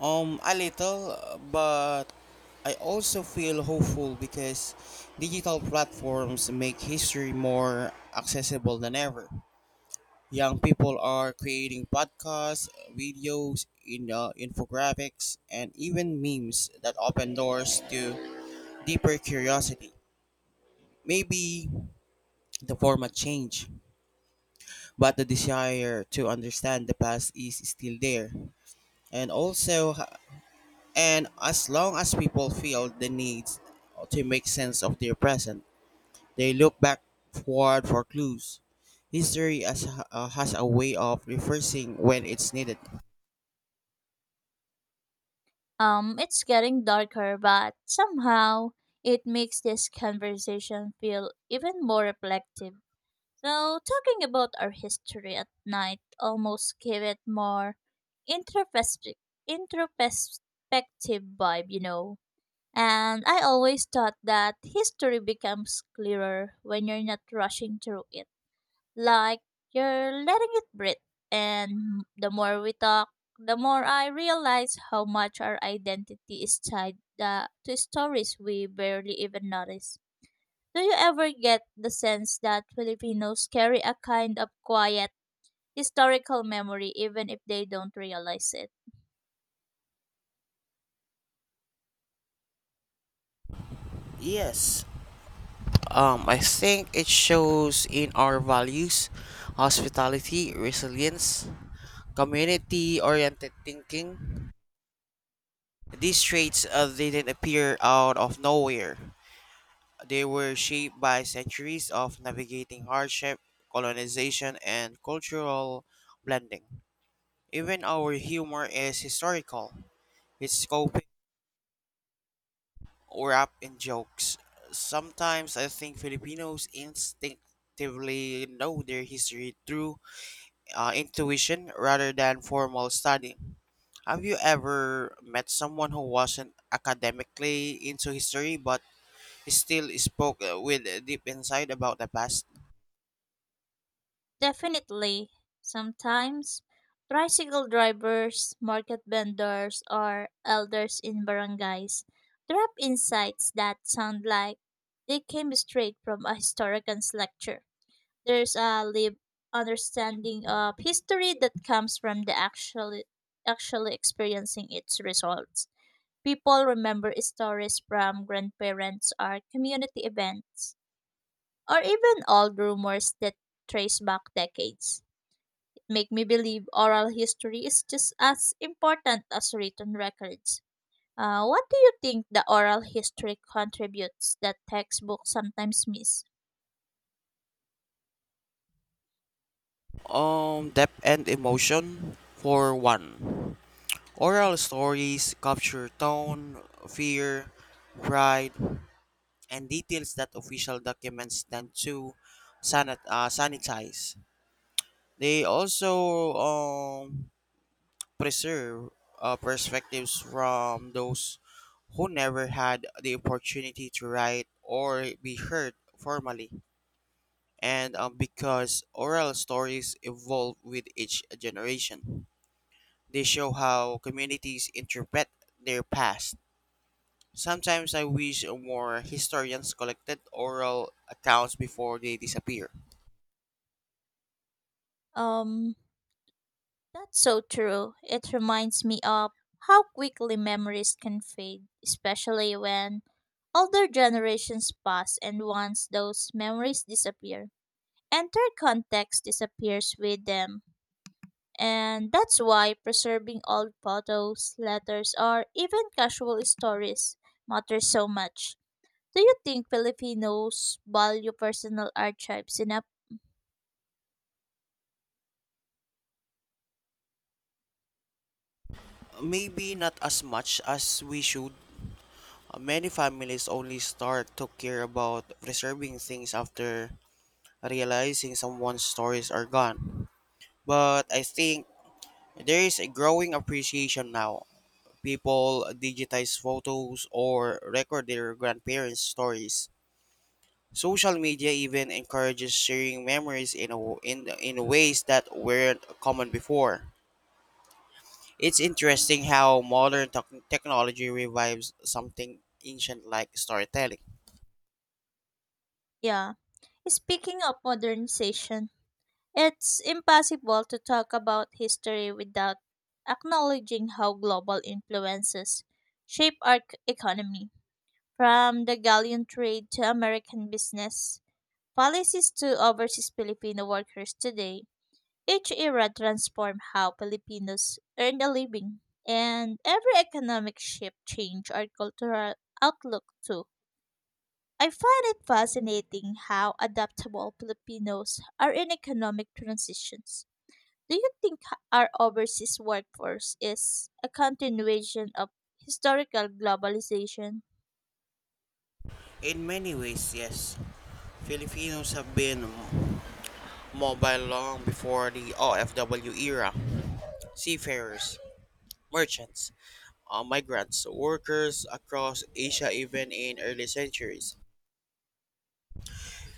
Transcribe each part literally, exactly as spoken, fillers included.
Um, a little, but I also feel hopeful because digital platforms make history more accessible than ever. Young people are creating podcasts, videos, in, uh, infographics, and even memes that open doors to deeper curiosity. Maybe the format change, but the desire to understand the past is still there. And also, And as long as people feel the need to make sense of their present, they look backward for clues. History has, uh, has a way of reversing when it's needed. Um, it's getting darker, but somehow it makes this conversation feel even more reflective. So, talking about our history at night almost gave it more introspective, introspective vibe, you know. And I always thought that history becomes clearer when you're not rushing through it like you're letting it breathe. And the more we talk, the more I realize how much our identity is tied uh, to stories we barely even notice. Do you ever get the sense that Filipinos carry a kind of quiet historical memory even if they don't realize it? Yes, um, I think it shows in our values, hospitality, resilience, community oriented thinking. These traits uh, they didn't appear out of nowhere. They were shaped by centuries of navigating hardship, colonization, and cultural blending. Even our humor is historical. It's coping or up in jokes. Sometimes I think Filipinos instinctively know their history through uh, intuition rather than formal study. Have you ever met someone who wasn't academically into history but still spoke uh, with a deep insight about the past? Definitely. Sometimes tricycle drivers, market vendors, or elders in barangays drop insights that sound like they came straight from a historian's lecture. There's a lived understanding of history that comes from the actually actually experiencing its results. People remember stories from grandparents or community events, or even old rumors that trace back decades make me believe oral history is just as important as written records. Uh, what do you think the oral history contributes that textbooks sometimes miss? Um, depth and emotion for one. Oral stories capture tone, fear, pride, and details that official documents tend to sanit- uh, sanitize. They also um, preserve uh, perspectives from those who never had the opportunity to write or be heard formally, and um, because oral stories evolve with each generation. They show how communities interpret their past. Sometimes I wish more historians collected oral accounts before they disappear. Um, that's so true. It reminds me of how quickly memories can fade, especially when older generations pass, and once those memories disappear, entire context disappears with them. And that's why preserving old photos, letters, or even casual stories matters so much. Do you think Filipinos value personal archives enough? Maybe not as much as we should. Many families only start to care about preserving things after realizing someone's stories are gone. But I think there is a growing appreciation now. People digitize photos or record their grandparents' stories. Social media even encourages sharing memories in a, w- in in ways that weren't common before. It's interesting how modern tech- technology revives something ancient like storytelling. Yeah. Speaking of modernization, it's impossible to talk about history without acknowledging how global influences shape our c- economy. From the galleon trade to American business, policies to overseas Filipino workers today, each era transformed how Filipinos earned a living, and every economic shift changed our cultural outlook too. I find it fascinating how adaptable Filipinos are in economic transitions. Do you think our overseas workforce is a continuation of historical globalization? In many ways, yes. Filipinos have been mobile long before the O F W era. Seafarers, merchants, uh, migrants, workers across Asia even in early centuries.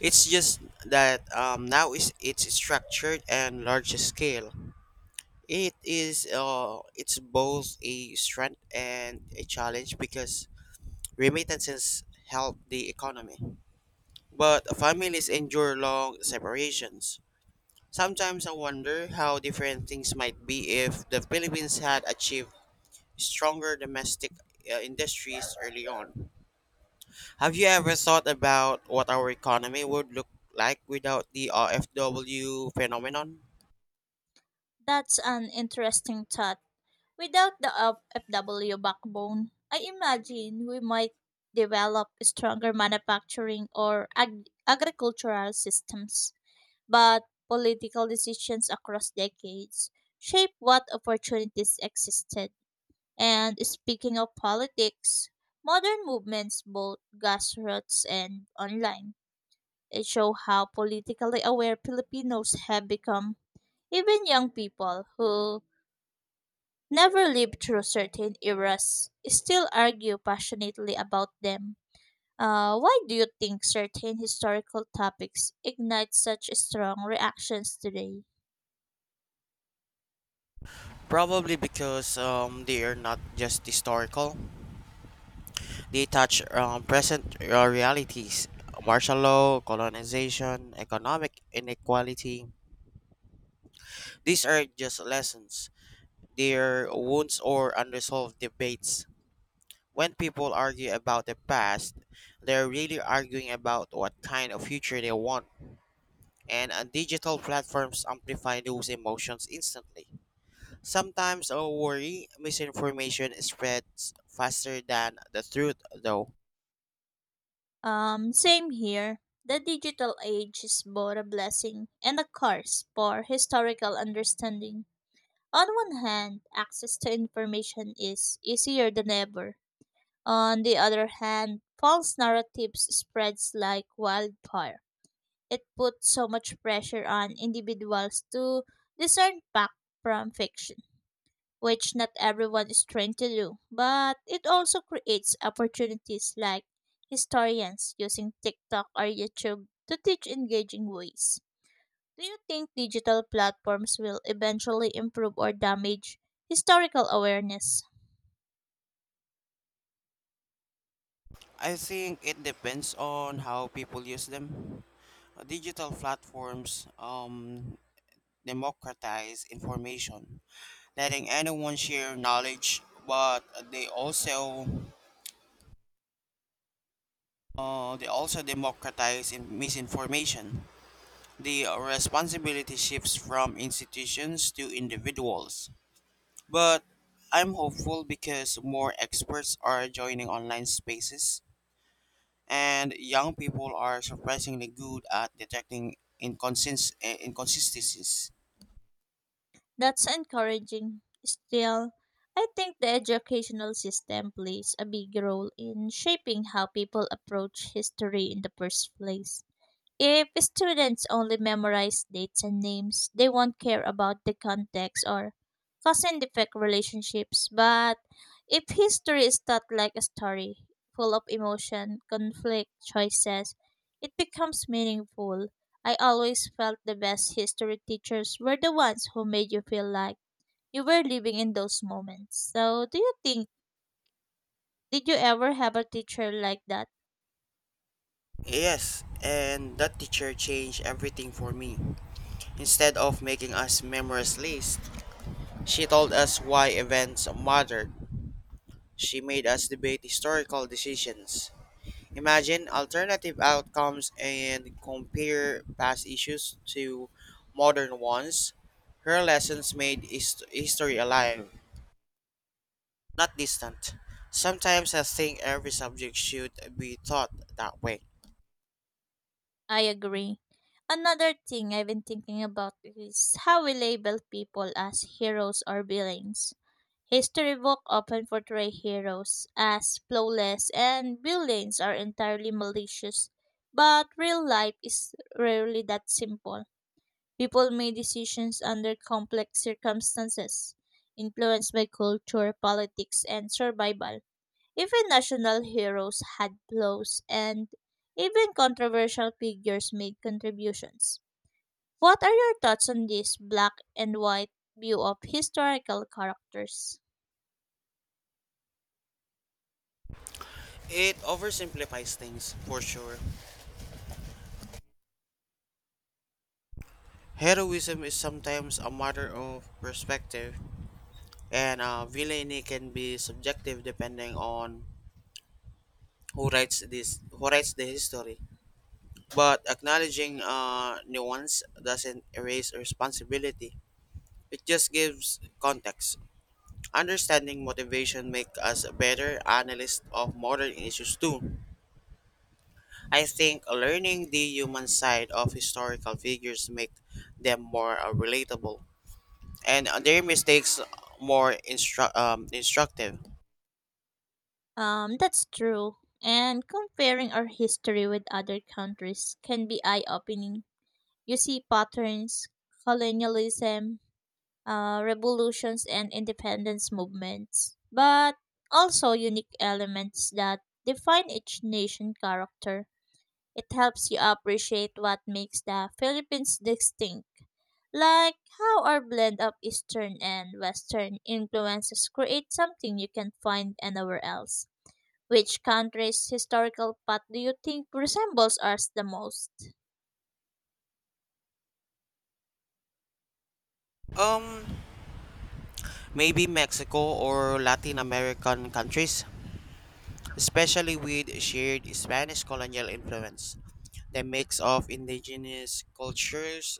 It's just that um, now is it's structured and larger scale. It is uh, it's both a strength and a challenge because remittances help the economy, but families endure long separations. Sometimes I wonder how different things might be if the Philippines had achieved stronger domestic uh, industries early on. Have you ever thought about what our economy would look like without the O F W phenomenon? That's an interesting thought. Without the F- FW backbone, I imagine we might develop stronger manufacturing or ag- agricultural systems, but political decisions across decades shape what opportunities existed. And speaking of politics, modern movements, both grassroots and online, it show how politically aware Filipinos have become. Even young people who never lived through certain eras still argue passionately about them. Uh, why do you think certain historical topics ignite such strong reactions today? Probably because um, they are not just historical. They touch um, present uh, realities. Martial law, colonization, economic inequality. These are just lessons. They are wounds or unresolved debates. When people argue about the past, they're really arguing about what kind of future they want. and uh, digital platforms amplify those emotions instantly. Sometimes a worry, misinformation spreads faster than the truth, though. Um, same here. The digital age is both a blessing and a curse for historical understanding. On one hand, access to information is easier than ever. On the other hand, false narratives spreads like wildfire, it puts so much pressure on individuals to discern fact from fiction, which not everyone is trained to do. But it also creates opportunities like historians using TikTok or YouTube to teach engaging ways. Do you think digital platforms will eventually improve or damage historical awareness? I think it depends on how people use them. Uh, Digital platforms um, democratize information, letting anyone share knowledge, but they also uh, they also democratize in misinformation. The responsibility shifts from institutions to individuals. But I'm hopeful because more experts are joining online spaces and young people are surprisingly good at detecting inconsist- eh, inconsistencies. That's encouraging. Still, I think the educational system plays a big role in shaping how people approach history in the first place. If students only memorize dates and names, they won't care about the context or cause and effect relationships. But if history is taught like a story, full of emotion, conflict, choices, it becomes meaningful. I always felt the best history teachers were the ones who made you feel like you were living in those moments. So, do you think, did you ever have a teacher like that? Yes, and that teacher changed everything for me. Instead of making us memorize lists, she told us why events mattered. She made us debate historical decisions. Imagine alternative outcomes and compare past issues to modern ones. Her lessons made his- history alive, not distant. Sometimes I think every subject should be taught that way. I agree. Another thing I've been thinking about is how we label people as heroes or villains. History books often portray heroes as flawless and villains are entirely malicious, but real life is rarely that simple. People make decisions under complex circumstances, influenced by culture, politics, and survival. Even national heroes had flaws, and even controversial figures made contributions. What are your thoughts on this black and white view of historical characters? It oversimplifies things, for sure. Heroism is sometimes a matter of perspective, and uh, villainy can be subjective depending on who writes this, who writes the history. But acknowledging uh, nuance doesn't erase responsibility. It just gives context. Understanding motivation makes us better analysts of modern issues too. I think learning the human side of historical figures make them more uh, relatable and uh, their mistakes more instru- um, instructive. Um, that's true. And comparing our history with other countries can be eye opening. You see patterns, colonialism, uh, revolutions, and independence movements, but also unique elements that define each nation character. It helps you appreciate what makes the Philippines distinct, like how our blend of Eastern and Western influences create something you can't find anywhere else. Which country's historical path do you think resembles ours the most? Um, Maybe Mexico or Latin American countries, especially with shared Spanish colonial influence. The mix of indigenous cultures,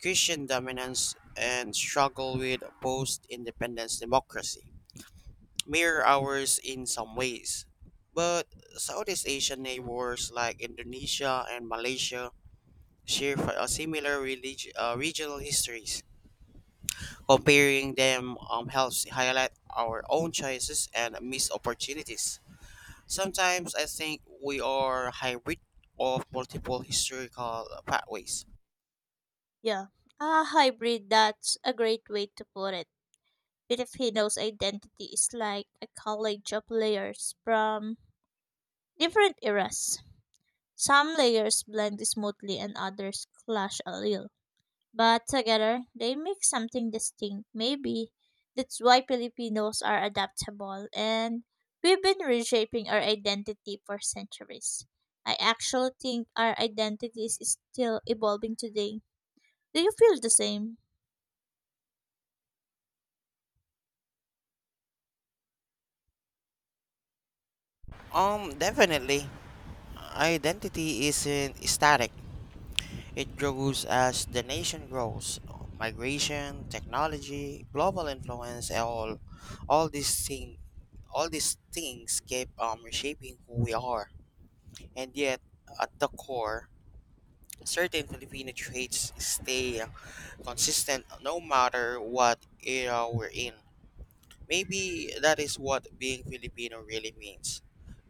Christian dominance, and struggle with post independence democracy mirror ours in some ways. But Southeast Asian neighbors like Indonesia and Malaysia share fi- uh, similar relig- uh, regional histories. Comparing them um, helps highlight our own choices and missed opportunities. Sometimes I think we are hybrid of multiple historical pathways. Yeah, a hybrid, that's a great way to put it. Filipino's identity is like a collage of layers from different eras. Some layers blend smoothly and others clash a little, but together, they make something distinct. Maybe that's why Filipinos are adaptable and we've been reshaping our identity for centuries. I actually think our identity is still evolving today. Do you feel the same? Um, definitely, identity isn't static. It grows as the nation grows. Migration, technology, global influence, and all, all these thing, all these things keep um, reshaping who we are. And yet, at the core, certain Filipino traits stay consistent no matter what era we're in. Maybe that is what being Filipino really means,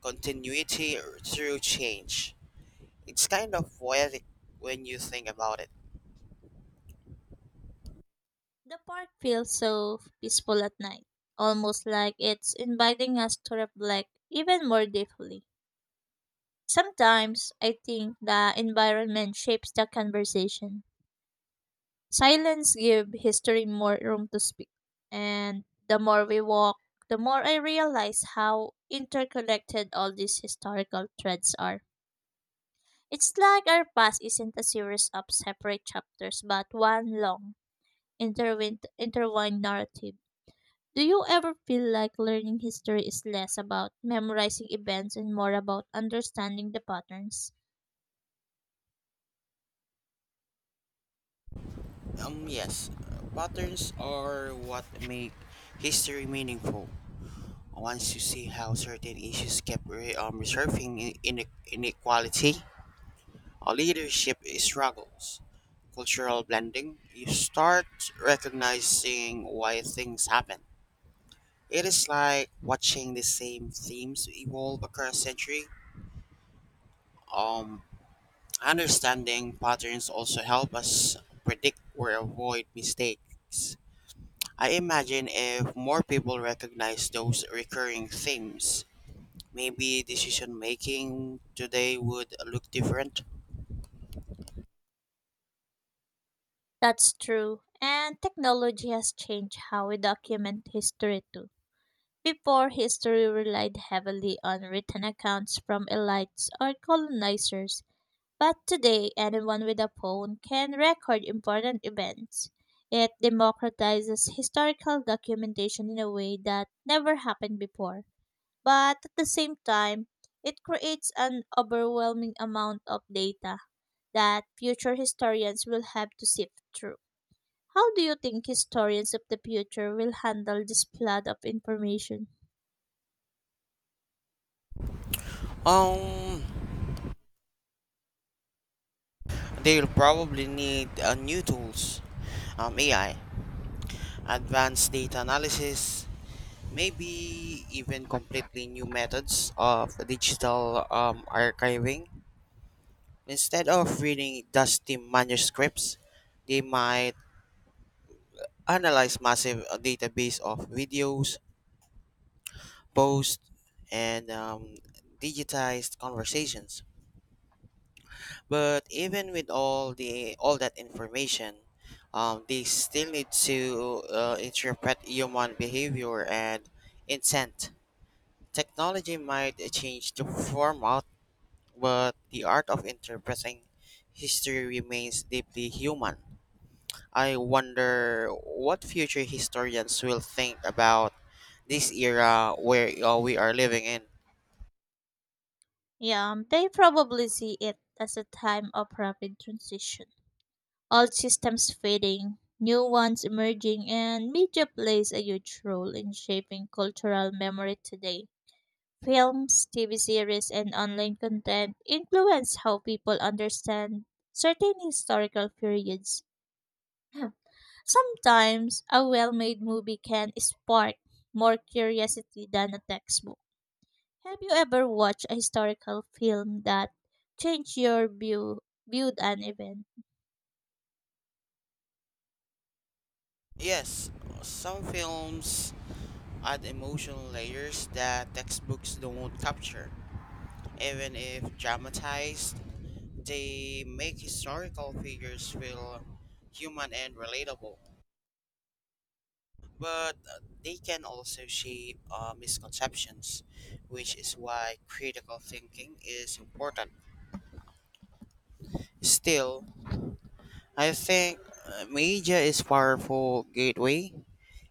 continuity through change. It's kind of poetic when you think about it. The park feels so peaceful at night, almost like it's inviting us to reflect even more deeply. Sometimes I think the environment shapes the conversation. Silence give history more room to speak. And the more we walk, the more I realize how interconnected all these historical threads are. It's like our past isn't a series of separate chapters, but one long, interwin- intertwined narrative. Do you ever feel like learning history is less about memorizing events and more about understanding the patterns? Um, yes, uh, patterns are what make history meaningful. Once you see how certain issues kept re- um, resurfacing, in- inequality, uh, leadership struggles, cultural blending, you start recognizing why things happen. It is like watching the same themes evolve across century. Um, Understanding patterns also help us predict or avoid mistakes. I imagine if more people recognize those recurring themes, maybe decision making today would look different. That's true. And technology has changed how we document history too. Before, history relied heavily on written accounts from elites or colonizers, but today anyone with a phone can record important events. It democratizes historical documentation in a way that never happened before. But at the same time, it creates an overwhelming amount of data that future historians will have to sift through. How do you think historians of the future will handle this flood of information? Um, they'll probably need uh, new tools, um, A I, advanced data analysis, maybe even completely new methods of digital um, archiving. Instead of reading dusty manuscripts, they might analyze massive uh, database of videos, posts, and um, digitized conversations. But even with all the all that information, um, they still need to uh, interpret human behavior and intent. Technology might change the format but the art of interpreting history remains deeply human. I wonder what future historians will think about this era where uh, we are living in. Yeah, um, they probably see it as a time of rapid transition. Old systems fading, new ones emerging, and media plays a huge role in shaping cultural memory today. Films, T V series, and online content influence how people understand certain historical periods. Sometimes a well made movie can spark more curiosity than a textbook. Have you ever watched a historical film that changed your view viewed an event? Yes, some films add emotional layers that textbooks don't capture. Even if dramatized, they make historical figures feel human and relatable. but uh, they can also shape uh, misconceptions, which is why critical thinking is important. Still, I think uh, media is powerful gateway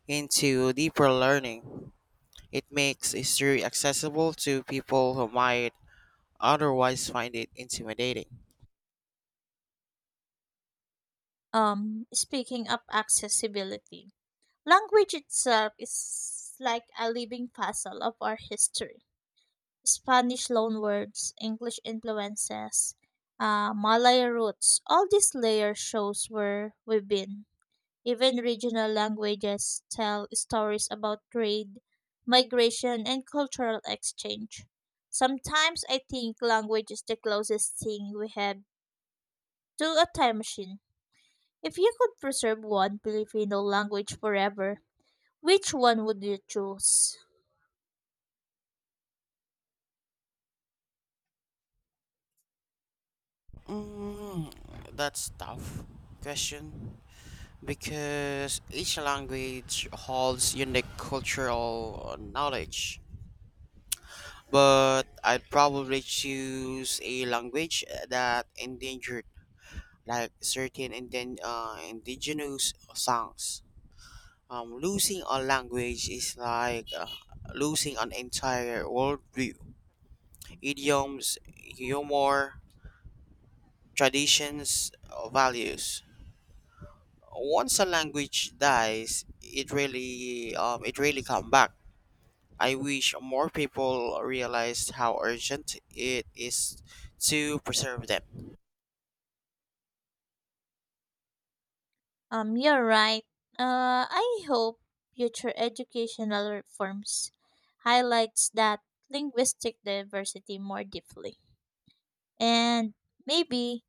into deeper learning. It makes history accessible to people who might otherwise find it intimidating. Um, speaking of accessibility, language itself is like a living puzzle of our history. Spanish loanwords, English influences, uh, Malay roots, all these layers shows where we've been. Even regional languages tell stories about trade, migration, and cultural exchange. Sometimes I think language is the closest thing we have to a time machine. If you could preserve one Filipino language forever, which one would you choose? Mm, that's tough question because each language holds unique cultural knowledge, but I'd probably choose a language uh, that endangered, like certain inden- uh, indigenous songs. Um, losing a language is like uh, losing an entire worldview, idioms, humor, traditions, uh, values. Once a language dies, it really, um, it really come back. I wish more people realized how urgent it is to preserve them. Um, you're right. Uh, I hope future educational reforms highlights that linguistic diversity more deeply. And maybe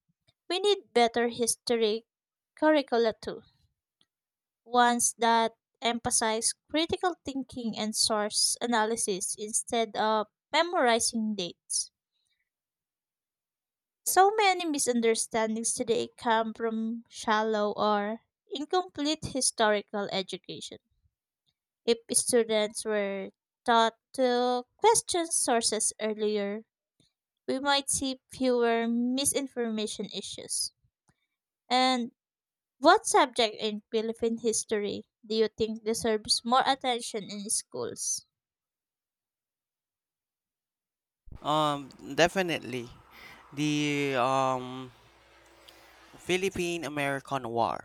we need better history curricula too, ones that emphasize critical thinking and source analysis instead of memorizing dates. So many misunderstandings today come from shallow or incomplete historical education. If students were taught to question sources earlier, we might see fewer misinformation issues. And what subject in Philippine history do you think deserves more attention in schools? Um, Definitely. The um, Philippine-American War.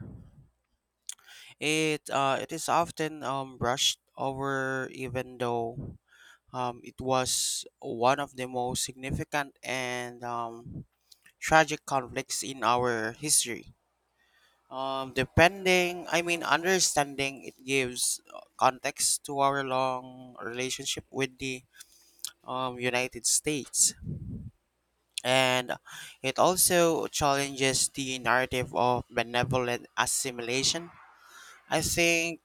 It uh, it is often um, brushed over, even though um, it was one of the most significant and um, tragic conflicts in our history. Um, depending, I mean, understanding it gives uh, context to our long relationship with the um, United States, and it also challenges the narrative of benevolent assimilation. I think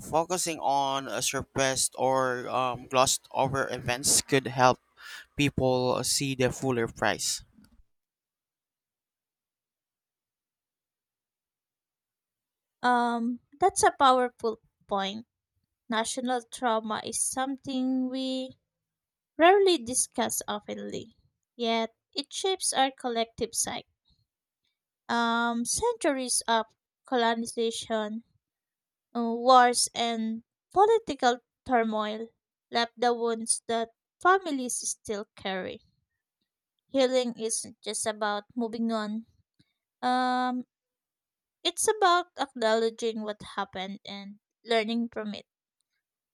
focusing on a suppressed or um, glossed over events could help people see the fuller price. Um, that's a powerful point. National trauma is something we rarely discuss openly, yet it shapes our collective psyche. Um, centuries of colonization, uh, wars, and political turmoil left the wounds that families still carry. Healing isn't just about moving on. Um, It's about acknowledging what happened and learning from it.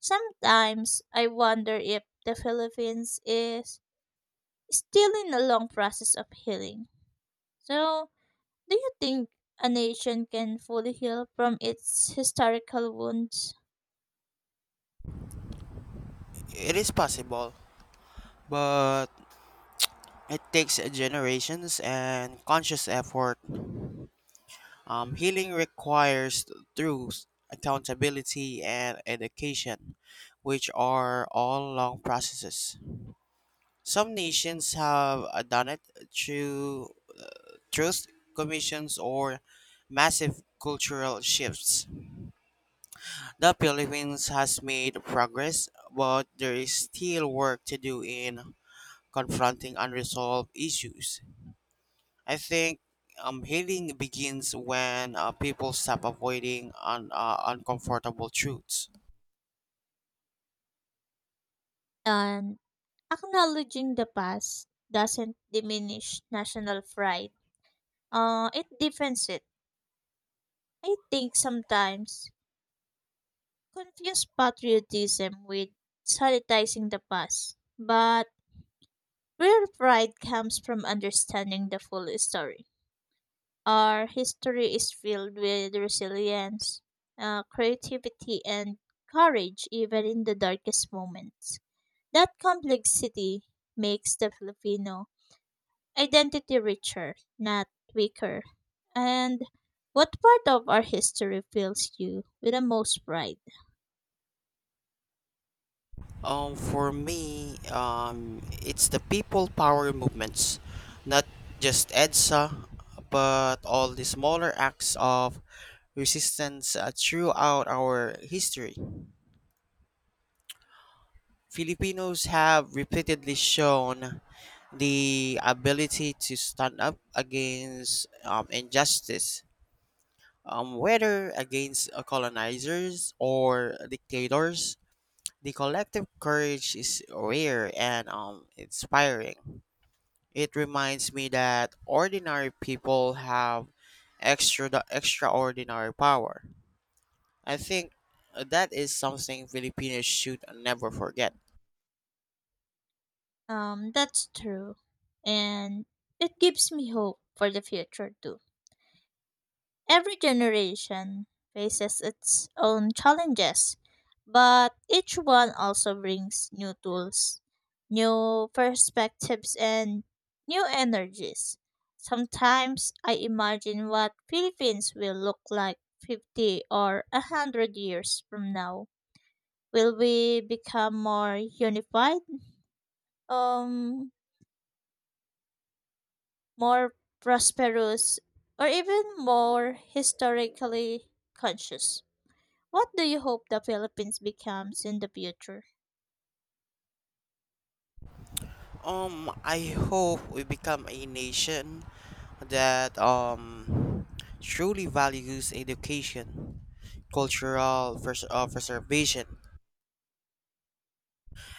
Sometimes I wonder if the Philippines is still in a long process of healing. So, do you think a nation can fully heal from its historical wounds? It is possible, but it takes generations and conscious effort. Um, healing requires truth, accountability, and education, which are all long processes. Some nations have uh, done it through truth commissions or massive cultural shifts. The Philippines has made progress, but there is still work to do in confronting unresolved issues. I think um, healing begins when uh, people stop avoiding un- uh, uncomfortable truths. And acknowledging the past doesn't diminish national pride. Uh, it deepens it. I think sometimes confuse patriotism with sanitizing the past. But real pride comes from understanding the full story. Our history is filled with resilience, uh, creativity, and courage, even in the darkest moments. That complexity makes the Filipino identity richer, not weaker. And what part of our history fills you with the most pride? Um, for me, um, it's the people power movements, not just EDSA, but all the smaller acts of resistance uh, throughout our history. Filipinos have repeatedly shown the ability to stand up against um, injustice, um, whether against uh, colonizers or dictators. The collective courage is rare and um, inspiring. It reminds me that ordinary people have extra extraordinary power. I think that is something Filipinos should never forget. Um, that's true. And it gives me hope for the future, too. Every generation faces its own challenges, but each one also brings new tools, new perspectives, and new energies. Sometimes I imagine what Philippines will look like fifty or one hundred years from now. Will we become more unified, um, more prosperous, or even more historically conscious? What do you hope the Philippines becomes in the future? Um, I hope we become a nation that um truly values education, cultural pres- uh, preservation,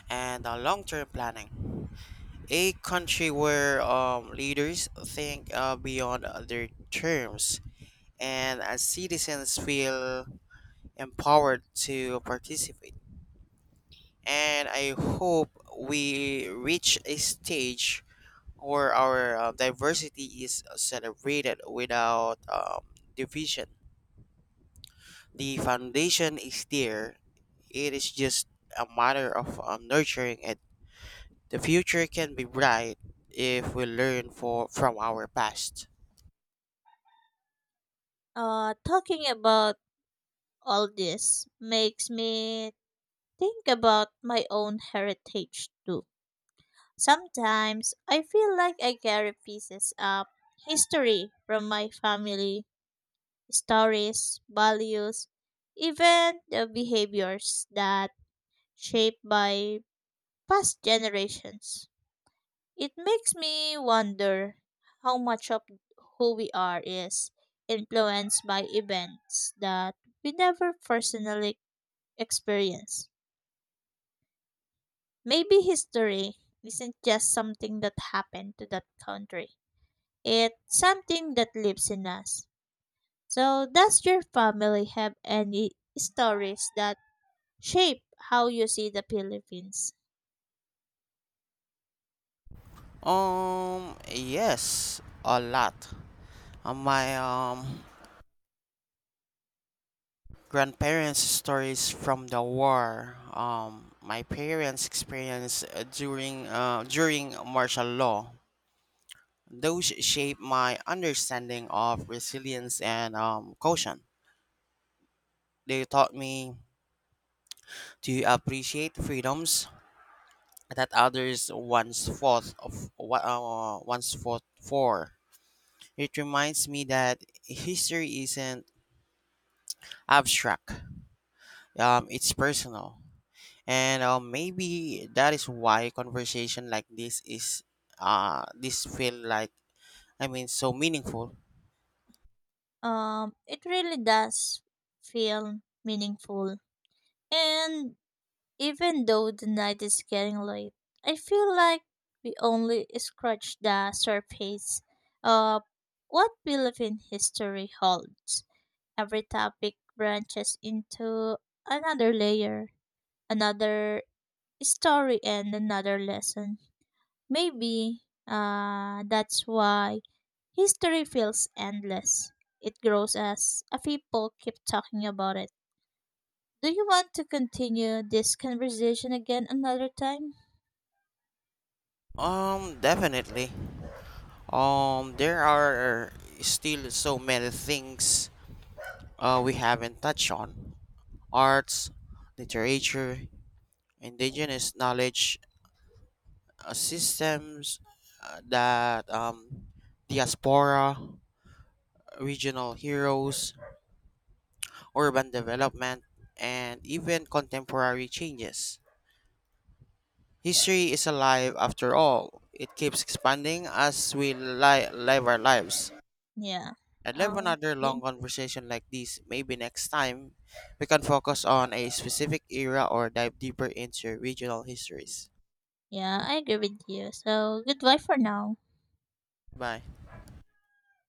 and uh, long-term planning. A country where um, leaders think uh, beyond their terms and as citizens feel empowered to participate. And I hope we reach a stage where our uh, diversity is celebrated without um, division. The foundation is there, it is just a matter of um, nurturing it. The future can be bright if we learn for from our past. Uh, talking about all this makes me think about my own heritage too. Sometimes I feel like I carry pieces of history from my family, stories, values, even the behaviors that shaped by past generations. It makes me wonder how much of who we are is influenced by events that we never personally experience. Maybe history isn't just something that happened to that country, it's something that lives in us. So, does your family have any stories that shape how you see the Philippines? Um yes, a lot. Uh, my um grandparents' stories from the war. Um, my parents' experience uh, during uh, during martial law. Those shaped my understanding of resilience and um, caution. They taught me to appreciate freedoms that others once fought of wa- uh, once fought for. It reminds me that history isn't abstract. Um, it's personal. And uh, maybe that is why conversation like this is uh this feel like I mean so meaningful. Um, it really does feel meaningful. And even though the night is getting late, I feel like we only scratched the surface of what Philippine history holds. Every topic branches into another layer, another story, and another lesson. Maybe uh, that's why history feels endless. It grows as a people keep talking about it. Do you want to continue this conversation again another time? Um definitely. Um there are still so many things uh we haven't touched on. Arts, literature, indigenous knowledge, uh, systems uh, that um diaspora, regional heroes, urban development and even contemporary changes. History is alive after all. It keeps expanding as we li- live our lives. Yeah. I'd love another long Okay. conversation like this. Maybe next time we can focus on a specific era or dive deeper into regional histories. Yeah, I agree with you. So goodbye for now. Bye.